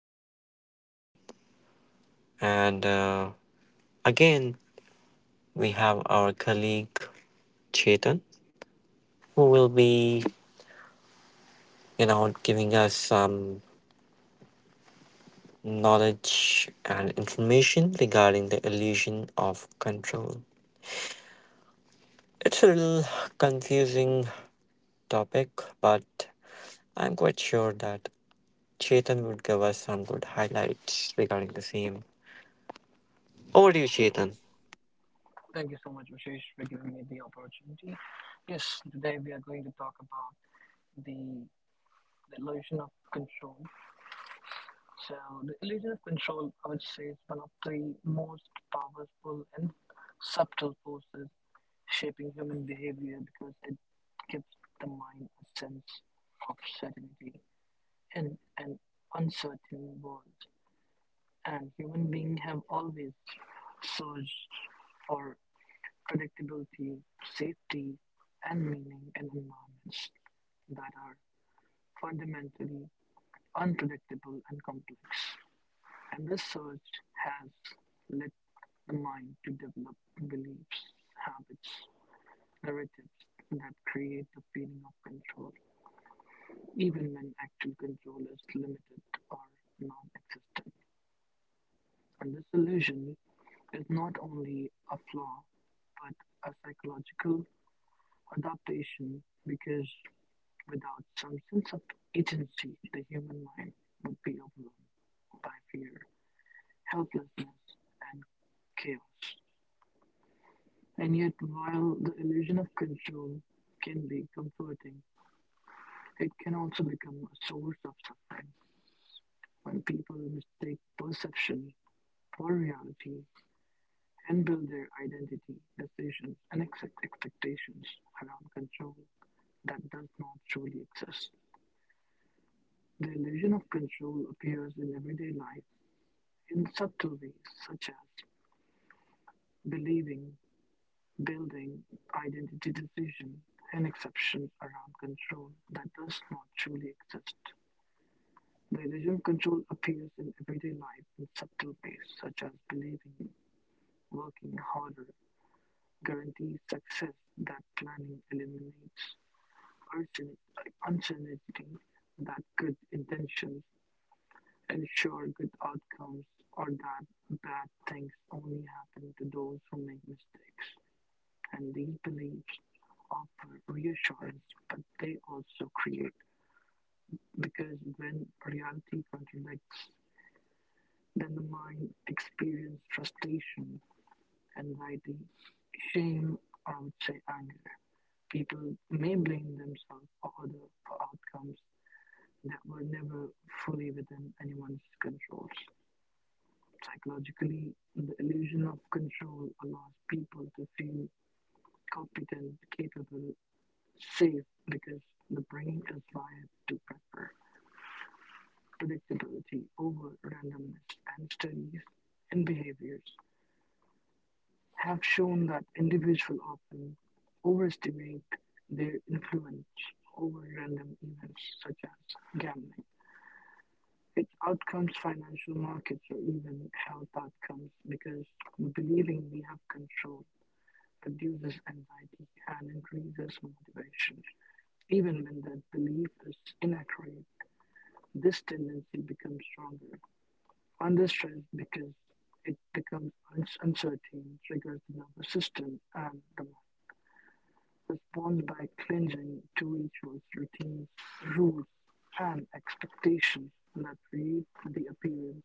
Rishesh again, and again we have our colleague Chetan who will be, giving us some knowledge and information regarding the illusion of control. It's a little confusing topic, but I'm quite sure that Chetan would give us some good highlights regarding the same. Over to you, Chetan. Thank you so much, Vishesh, for giving me the opportunity. Yes, today we are going to talk about the, the illusion of control. So, the illusion of control, I would say, is one of the most powerful and subtle forces shaping human behavior because it gives the mind a sense of certainty in an uncertain world. And human beings have always searched for predictability, safety, and meaning in environments that are fundamentally unpredictable and complex. And this search has led the mind to develop beliefs, habits, narratives that create the feeling of control, even when actual control is limited or non existent. And this illusion is not only a flaw, but a psychological adaptation because without some sense of agency, the human mind would be overwhelmed by fear, helplessness, and chaos. And yet, while the illusion of control can be comforting, it can also become a source of suffering when people mistake perception for reality and build their identity, decisions, and expectations around control that does not truly exist. The illusion of control appears in everyday life in subtle ways, such as believing, building, identity decision, and exceptions around control that does not truly exist. The illusion of control appears in everyday life in subtle ways, such as believing, working harder, guarantees success that planning eliminates, uncertain- uncertainty that good intentions ensure good outcomes, or that bad things only happen to those who make mistakes. And these beliefs offer reassurance, but they also create because when reality contradicts, then the mind experiences frustration, anxiety, shame, or I would say anger. People may blame themselves or other for outcomes that were never fully within anyone's controls. Psychologically, the illusion of control allows people to feel competent, capable, safe because the brain is wired to prefer predictability over randomness, and studies in behaviors have shown that individuals often overestimate their influence over random events such as gambling. Its outcomes, financial markets, or even health outcomes, because believing we have control reduces anxiety and increases motivation, even when that belief is inaccurate. This tendency becomes stronger under stress because it becomes uncertain, triggers the nervous system and the mind. Responds by clinging to rituals, routines, rules, and expectations that create the appearance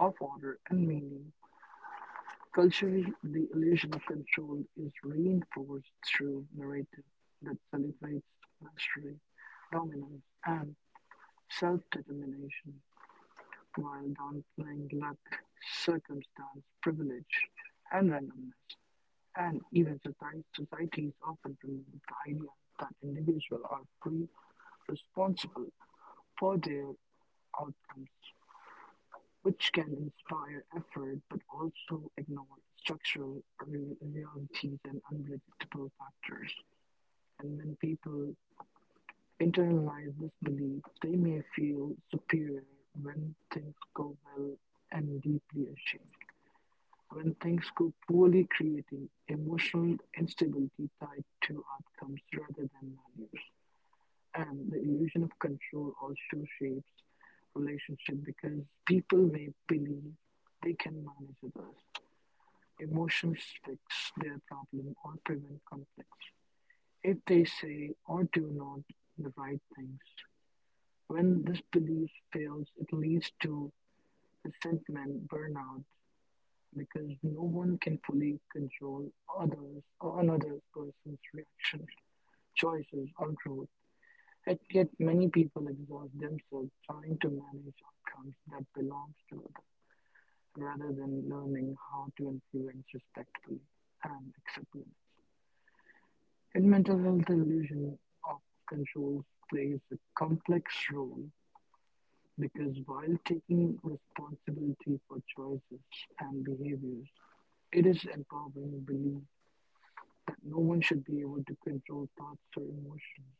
of order and meaning. Culturally, the illusion of control is reinforced through narrative that celebrates mastery, dominance, and self determination, while downplaying luck, circumstance, privilege, and randomness, and even societies often promote the idea that individuals are free, responsible for their outcomes, which can inspire effort but also ignore structural realities and unpredictable factors. And when people internalize this belief, they may feel superior when things go well and deeply ashamed. When things go poorly, creating emotional instability tied to outcomes rather than values. And the illusion of control also shapes relationship because people may believe they can manage others. Emotions fix their problem or prevent conflicts. If they say or do not the right things. When this belief fails, it leads to resentment, burnout, because no one can fully control others or another person's reaction, choices, or growth. And yet, many people exhaust themselves trying to manage outcomes that belongs to others, rather than learning how to influence respectfully and accept limits. In mental health, the illusion of control plays a complex role because while taking responsibility for choices and behaviors, it is empowering belief that no one should be able to control thoughts or emotions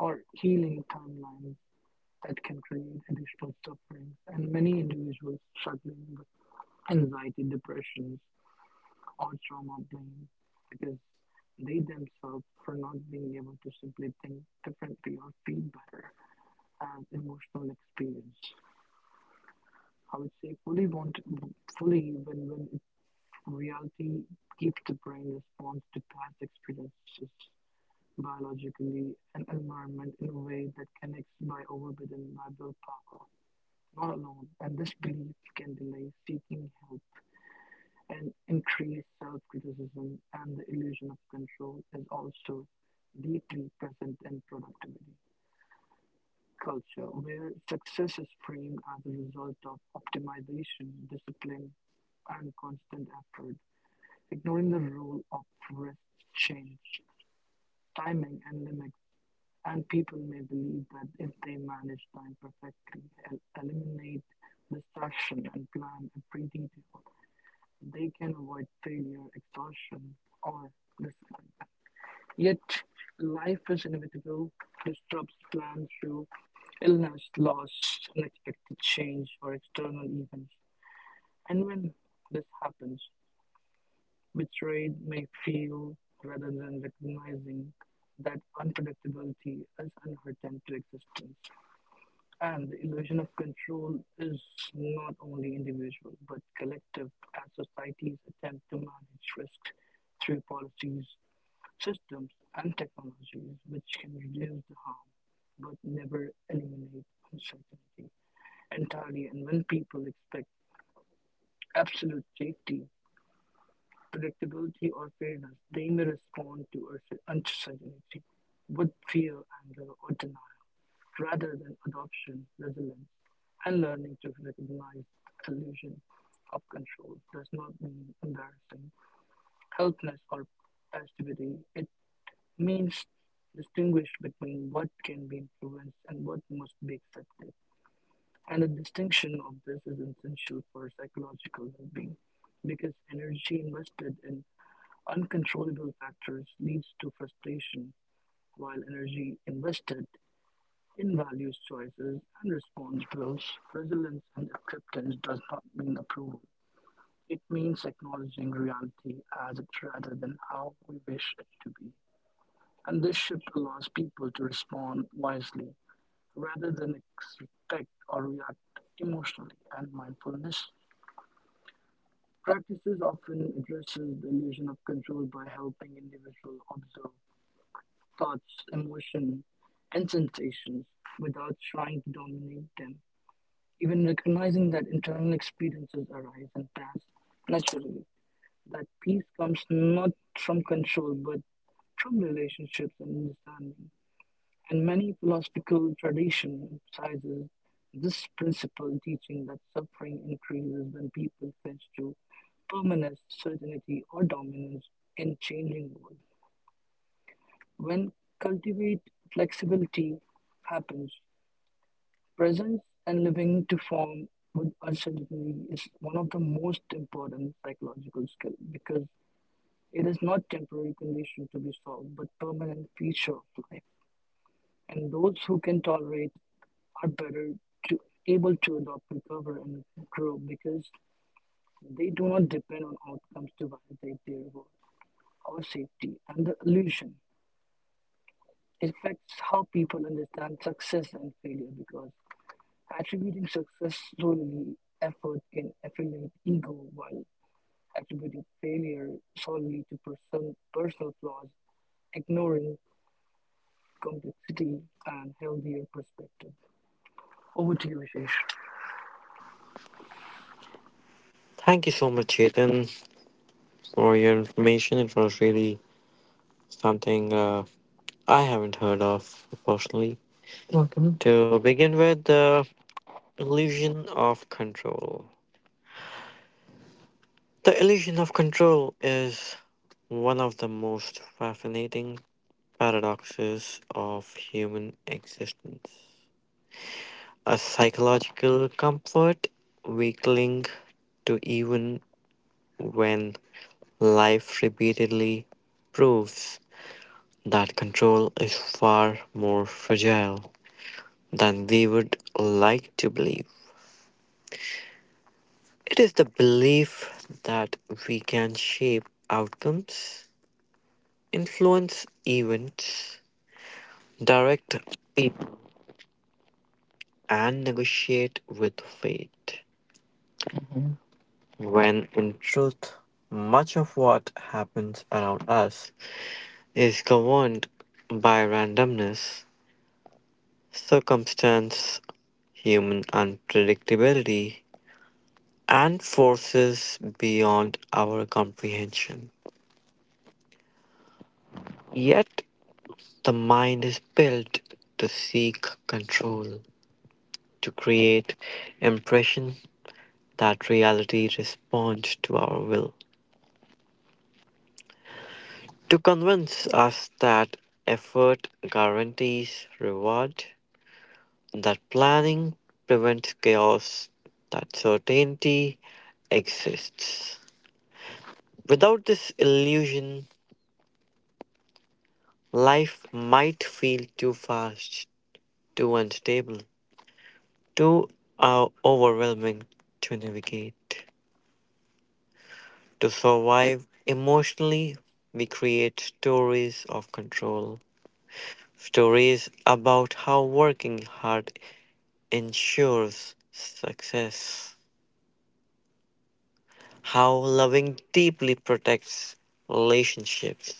or healing timelines that can create additional sufferings. And many individuals struggling with anxiety, depressions, or trauma blame because they themselves for not being able to simply think differently or feel better as emotional experience. I would say fully want fully when it, reality keeps the brain response to past experiences biologically and environment in a way that connects by overridden by willpower. Not alone, and this belief can delay seeking help and increase self criticism, and the illusion of control is also deeply present in productivity culture, where success is framed as a result of optimization, discipline, and constant effort, ignoring the role of rest, change, timing, and limit. And people may believe that if they manage time perfectly, eliminate distraction, and plan every detail, they can avoid failure, exhaustion, or disappointment. Yet, life is inevitable, disrupts plans through illness, loss, unexpected change, or external events. And when this happens, betrayed may feel rather than recognizing that unpredictability is inherent to existence. And the illusion of control is not only individual but collective, as societies attempt to manage risk through policies, systems, and technologies which can reduce the harm but never eliminate uncertainty entirely. And when people expect absolute safety, predictability, or fairness, they may respond to uncertainty with fear, anger, or denial, rather than adoption, resilience, and learning to recognize the illusion of control does not mean embarrassing, helplessness, or passivity. It means distinguish between what can be influenced and what must be accepted. And the distinction of this is essential for psychological well being because energy invested in uncontrollable factors leads to frustration, while energy invested in values choices and response drills, resilience and acceptance does not mean approval. It means acknowledging reality as it rather than how we wish it to be. And this shift allows people to respond wisely rather than expect or react emotionally, and mindfulness. Practices often addresses the illusion of control by helping individuals observe thoughts, emotions, and sensations without trying to dominate them. Even recognizing that internal experiences arise and pass naturally, that peace comes not from control but from relationships and understanding. And many philosophical tradition emphasizes this principle, teaching that suffering increases when people cling to permanence, certainty, or dominance in changing world. When cultivate flexibility happens, presence and living to form with uncertainty is one of the most important psychological skills because it is not temporary condition to be solved but permanent feature of life. And those who can tolerate are better to able to adopt, recover, and grow because they do not depend on outcomes to validate their worth or safety. And the illusion affects how people understand success and failure because attributing success solely effort can affiliate ego, while attributing failure solely to person, personal flaws, ignoring complexity and healthier perspective. Over to you, Ashish. Thank you so much, Chetan, for your information. It was really something I haven't heard of personally. Welcome. To begin with, the illusion of control. The illusion of control is one of the most fascinating paradoxes of human existence. A psychological comfort we cling to even when life repeatedly proves that control is far more fragile than we would like to believe. It is the belief that we can shape outcomes, influence events, direct people, and negotiate with fate, when in truth, much of what happens around us is governed by randomness, circumstance, human unpredictability, and forces beyond our comprehension. Yet, the mind is built to seek control, to create impression that reality responds to our will, to convince us that effort guarantees reward, that planning prevents chaos, that certainty exists. Without this illusion, life might feel too fast, too unstable, too overwhelming to navigate. To survive emotionally, we create stories of control, stories about how working hard ensures success, how loving deeply protects relationships,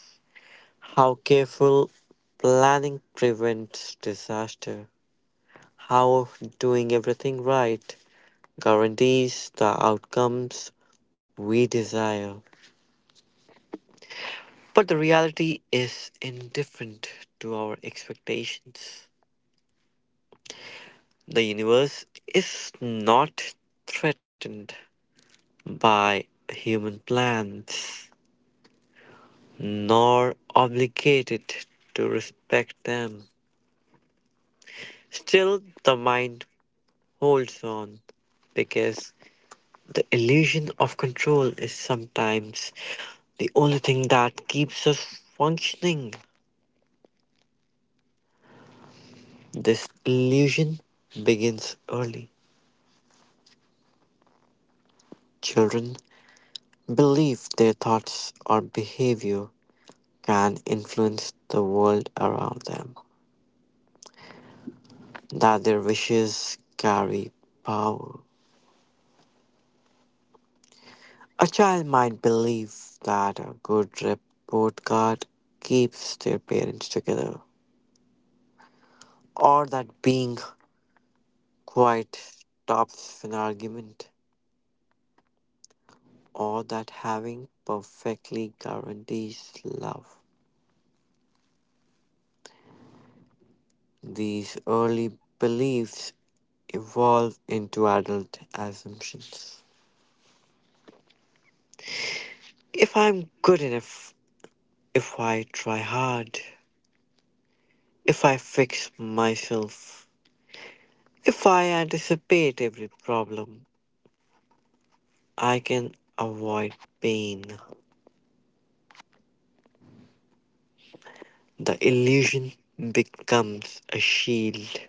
how careful planning prevents disaster, how doing everything right guarantees the outcomes we desire. But the reality is indifferent to our expectations. The universe is not threatened by human plans, nor obligated to respect them. Still, the mind holds on because the illusion of control is sometimes the only thing that keeps us functioning. This illusion begins early. Children believe their thoughts or behavior can influence the world around them, that their wishes carry power. A child might believe that a good report card keeps their parents together, or that being quiet stops an argument, or that having perfectly guarantees love. These early beliefs evolve into adult assumptions. If I'm good enough, if I try hard, if I fix myself, if I anticipate every problem, I can avoid pain. The illusion becomes a shield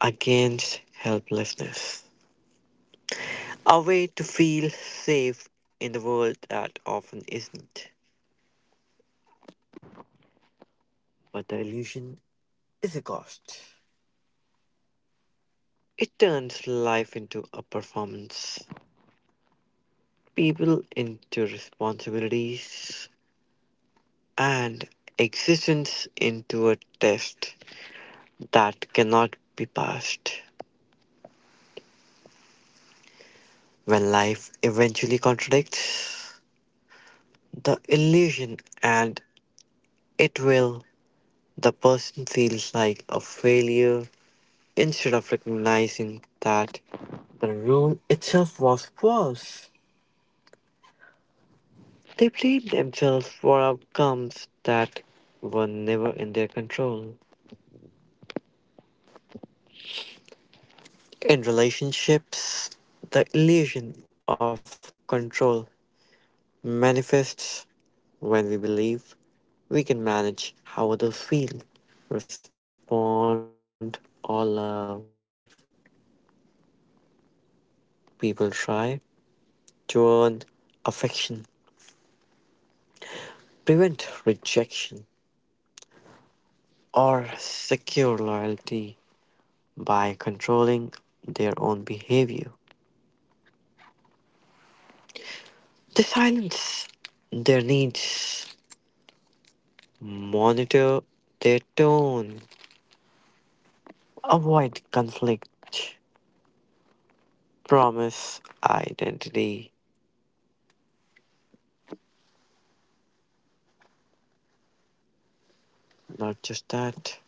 against helplessness, a way to feel safe in the world that often isn't. But the illusion is a cost. It turns life into a performance, people into responsibilities, and existence into a test that cannot be passed. When life eventually contradicts the illusion, and it will, the person feels like a failure instead of recognizing that the rule itself was false. They blame themselves for outcomes that were never in their control. In relationships, the illusion of control manifests when we believe we can manage how others feel, respond, or love. People try to earn affection, prevent rejection, or secure loyalty by controlling their own behavior. They silence their needs, monitor their tone, avoid conflict, promise identity. Not just that.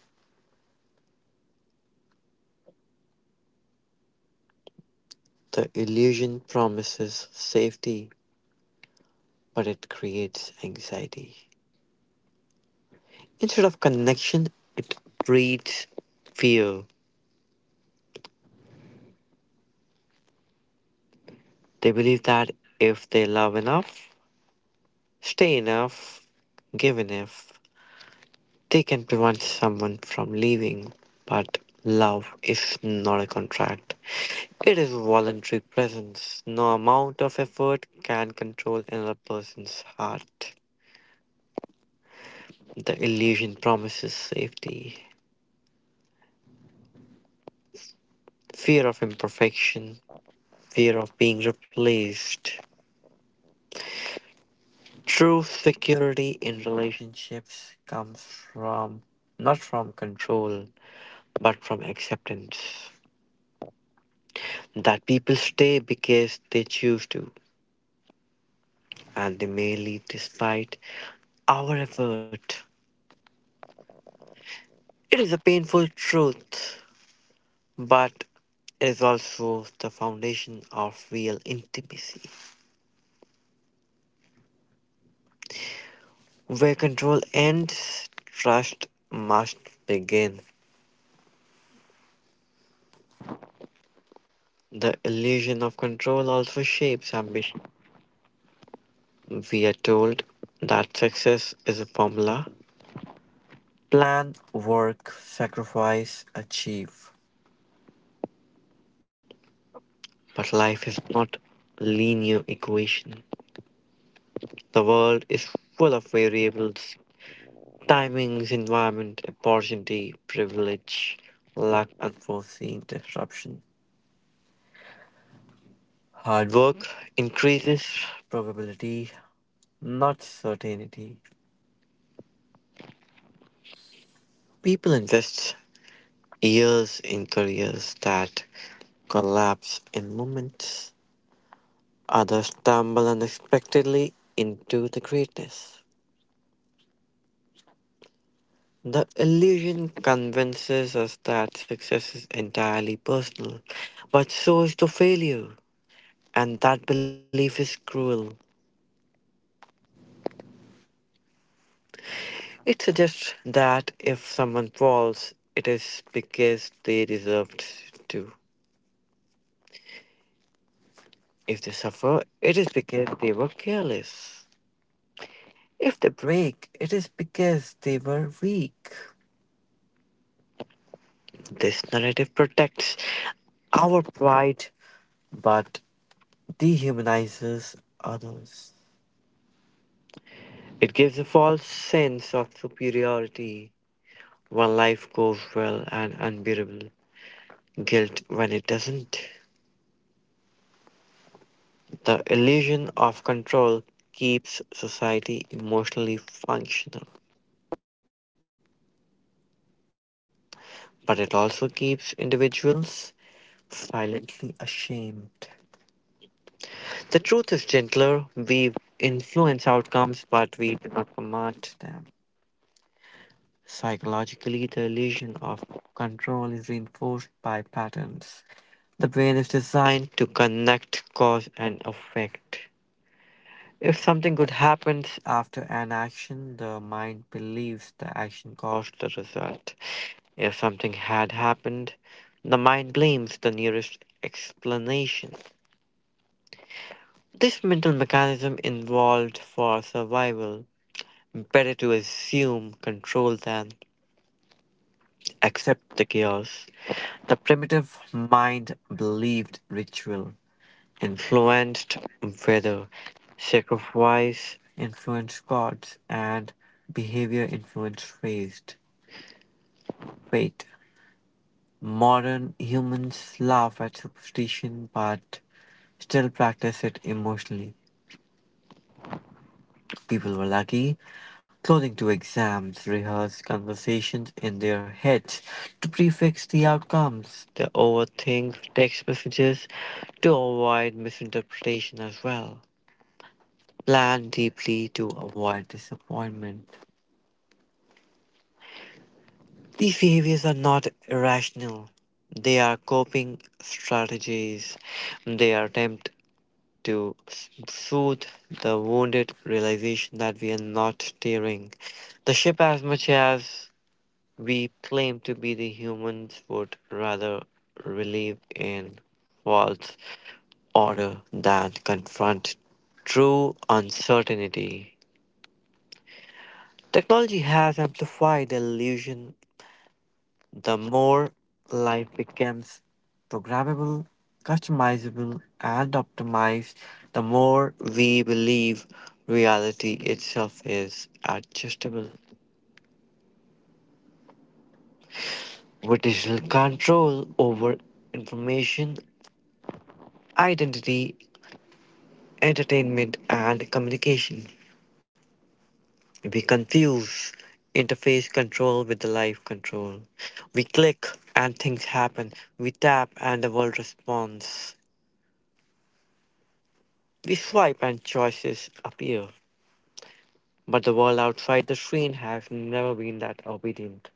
The illusion promises safety, but it creates anxiety. Instead of connection, it breeds fear. They believe that if they love enough, stay enough, give enough, they can prevent someone from leaving. But love is not a contract, it is voluntary presence. No amount of effort can control another person's heart. The illusion promises safety, fear of imperfection, fear of being replaced. True security in relationships comes from not from control, but from acceptance. That people stay because they choose to, and they may leave despite our effort. It is a painful truth, but it is also the foundation of real intimacy. Where control ends, trust must begin. The illusion of control also shapes ambition. We are told that success is a formula: plan, work, sacrifice, achieve. But life is not a linear equation. The world is full of variables: timings, environment, opportunity, privilege, luck, unforeseen disruption. Hard work increases probability, not certainty. People invest years in careers that collapse in moments. Others stumble unexpectedly into the greatness. The illusion convinces us that success is entirely personal, but so is the failure, and that belief is cruel. It suggests that if someone falls, it is because they deserved to. If they suffer, it is because they were careless. If they break, it is because they were weak. This narrative protects our pride, but dehumanizes others. It gives a false sense of superiority when life goes well and unbearable guilt when it doesn't. The illusion of control keeps society emotionally functional, but it also keeps individuals silently ashamed. The truth is gentler. We influence outcomes, but we do not command them. Psychologically, the illusion of control is reinforced by patterns. The brain is designed to connect cause and effect. If something good happens after an action, the mind believes the action caused the result. If something had happened, the mind blames the nearest explanation. This mental mechanism evolved for survival. Better to assume control than accept the chaos. The primitive mind believed ritual influenced weather, sacrifice influenced gods, and behavior influenced fate. Modern humans laugh at superstition but still practice it emotionally. People were lucky, clothing to exams, rehearsed conversations in their heads to prefix the outcomes, they overthink text messages to avoid misinterpretation as well. Plan deeply to avoid disappointment. These behaviors are not irrational. They are coping strategies. They are attempt to soothe the wounded realization that we are not steering the ship as much as we claim to be. The humans would rather relieve in false order than confront true uncertainty. Technology has amplified the illusion. The more life becomes programmable, customizable, and optimized, the more we believe reality itself is adjustable. With digital control over information, identity, entertainment, and communication, we confuse interface control with the life control. We click and things happen. We tap and the world responds. We swipe and choices appear. But the world outside the screen has never been that obedient.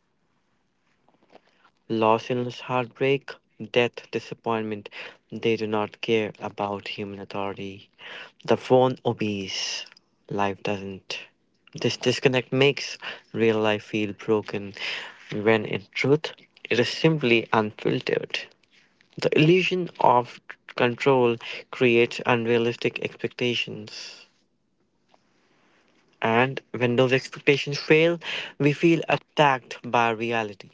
Loss, illness, heartbreak, death, disappointment, they do not care about human authority. The phone obeys, life doesn't. This disconnect makes real life feel broken when in truth it is simply unfiltered. The illusion of control creates unrealistic expectations, and when those expectations fail, we feel attacked by reality.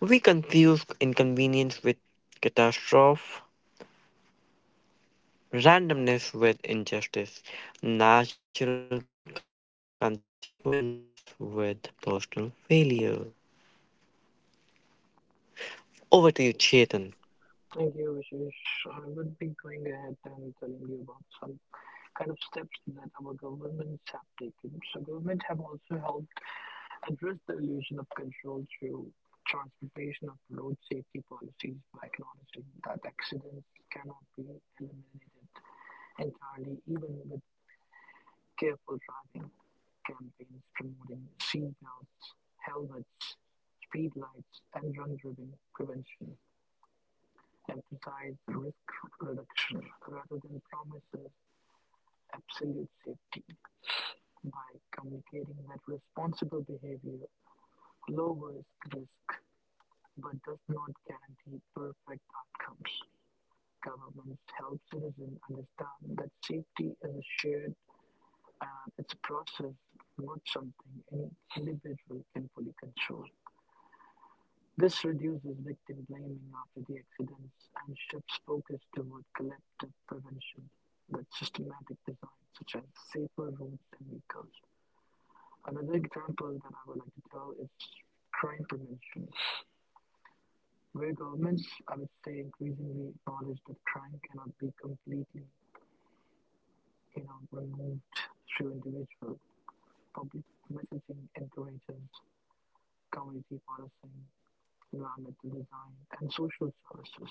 We confuse inconvenience with catastrophe, randomness with injustice, natural consequence with personal failure. Over to you, Chetan. Thank you, Ashish. I would be going ahead and telling you about some kind of steps that our governments have taken. So, government have also helped address the illusion of control through transportation of road safety policies by acknowledging that accidents cannot be eliminated entirely, even with careful driving campaigns promoting seatbelts, helmets, speed lights, and drunk driving prevention emphasize risk reduction rather than promises absolute safety by communicating that responsible behavior lowers risk but does not guarantee perfect outcomes. Governments help citizens understand that safety is a shared and it's a process, not something any individual can fully control. This reduces victim blaming after the accidents and shifts focus toward collective prevention with systematic design, such as safer roads and vehicles. Another example that I would like to tell is crime prevention, where governments, I would say, increasingly acknowledge that crime cannot be completely, removed through individual. Public messaging encourages community policing, environmental design, and social services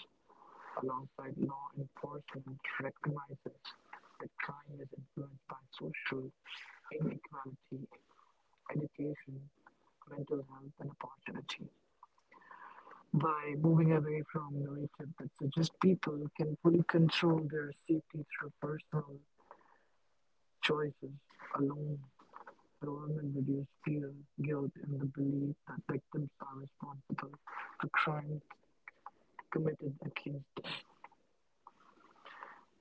alongside law enforcement recognizes that crime is influenced by social inequality, education, mental health, and opportunity. By moving away from narrative that suggests people can fully control their safety through personal choices alone, government reduce fear, guilt, and the belief that victims are responsible for crimes committed against them.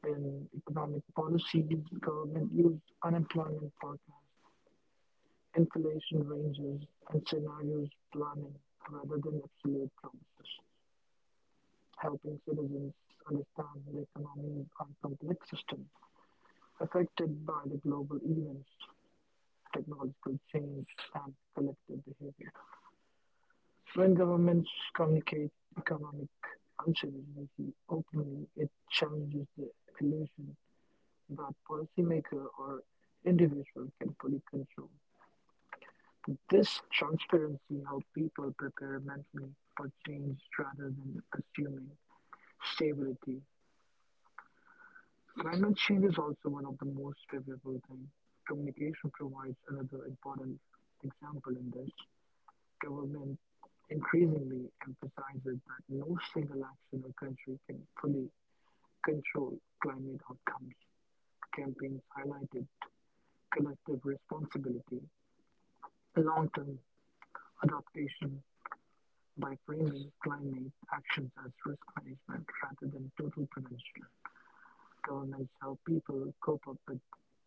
In economic policies, government used unemployment forecasts, inflation ranges, and scenarios planning rather than absolute promises, helping citizens understand the economies are complex systems affected by the global events, technological change, and collective behavior. When governments communicate economic uncertainty openly, it challenges the illusion that policymaker or individual can fully control. This transparency helps people prepare mentally for change rather than assuming stability. Climate change is also one of the most favorable things. Communication provides another important example in this. Government increasingly emphasizes that no single action or country can fully control climate outcomes. Campaigns highlighted collective responsibility, a long-term adaptation by framing climate actions as risk management rather than total prevention. Governments help people cope up with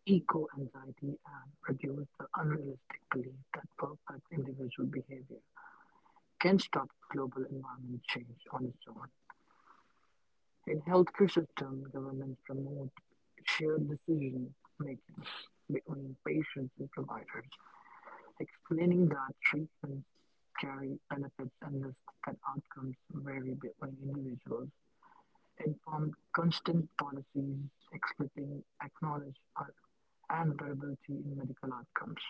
eco-anxiety and reduce the unrealistic belief that perfect individual behavior can stop global environment change on its own. In healthcare system, governments promote shared decision making between patients and providers, explaining that treatments carry benefits and risks and outcomes vary between individuals, informed consent policies explicitly acknowledge un- unpredictability in medical outcomes,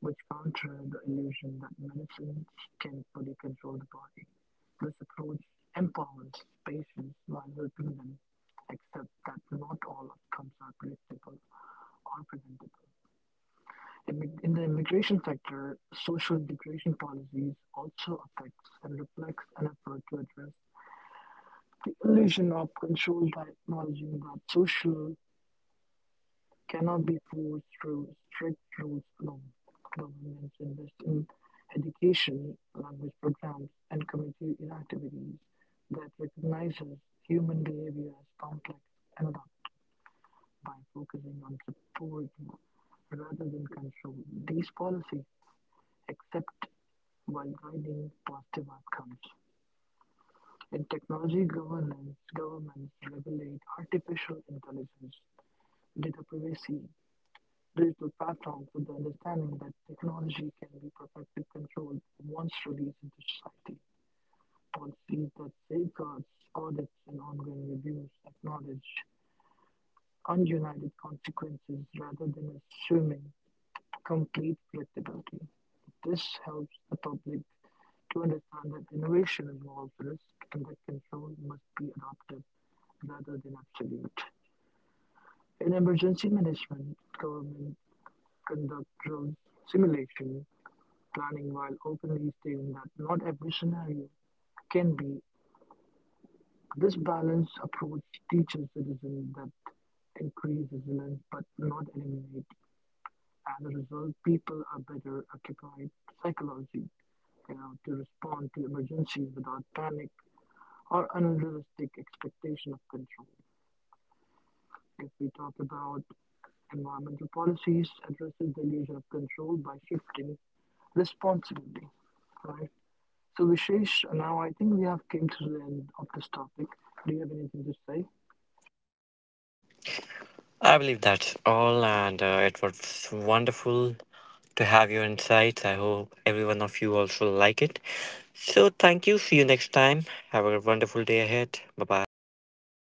which counter the illusion that medicines can fully control the body. This approach empowers patients while helping them accept that not all outcomes are predictable or preventable. In the immigration sector, social integration policies also affects and reflects an effort to address the illusion of control by acknowledging that social cannot be forced through strict rules alone. Governments invest in education, language programs, and community activities that recognizes human behavior as complex and adapt by focusing on support rather than control. These policies accept while guiding positive outcomes. In technology governance, governments regulate artificial intelligence, data privacy, digital platforms with the understanding that technology can be perfectly controlled once released into society. Policies that safeguards, audits, and ongoing reviews acknowledge ununited consequences rather than assuming complete predictability. This helps the public to understand that innovation involves risk and that control must be adaptive rather than absolute. In emergency management, government conduct drills, simulation, planning while openly stating that not every scenario can be. This balanced approach teaches citizens that increase resilience but not eliminate. As a result, people are better occupied psychologically, to respond to emergencies without panic or unrealistic expectation of control. If we talk about environmental policies, addresses the illusion of control by shifting responsibility, right? So Vishesh, now I think we have came to the end of this topic. Do you have anything to say? I believe that's all, and it was wonderful to have your insights. I hope every one of you also like it. So, thank you. See you next time. Have a wonderful day ahead. Bye bye. Bye.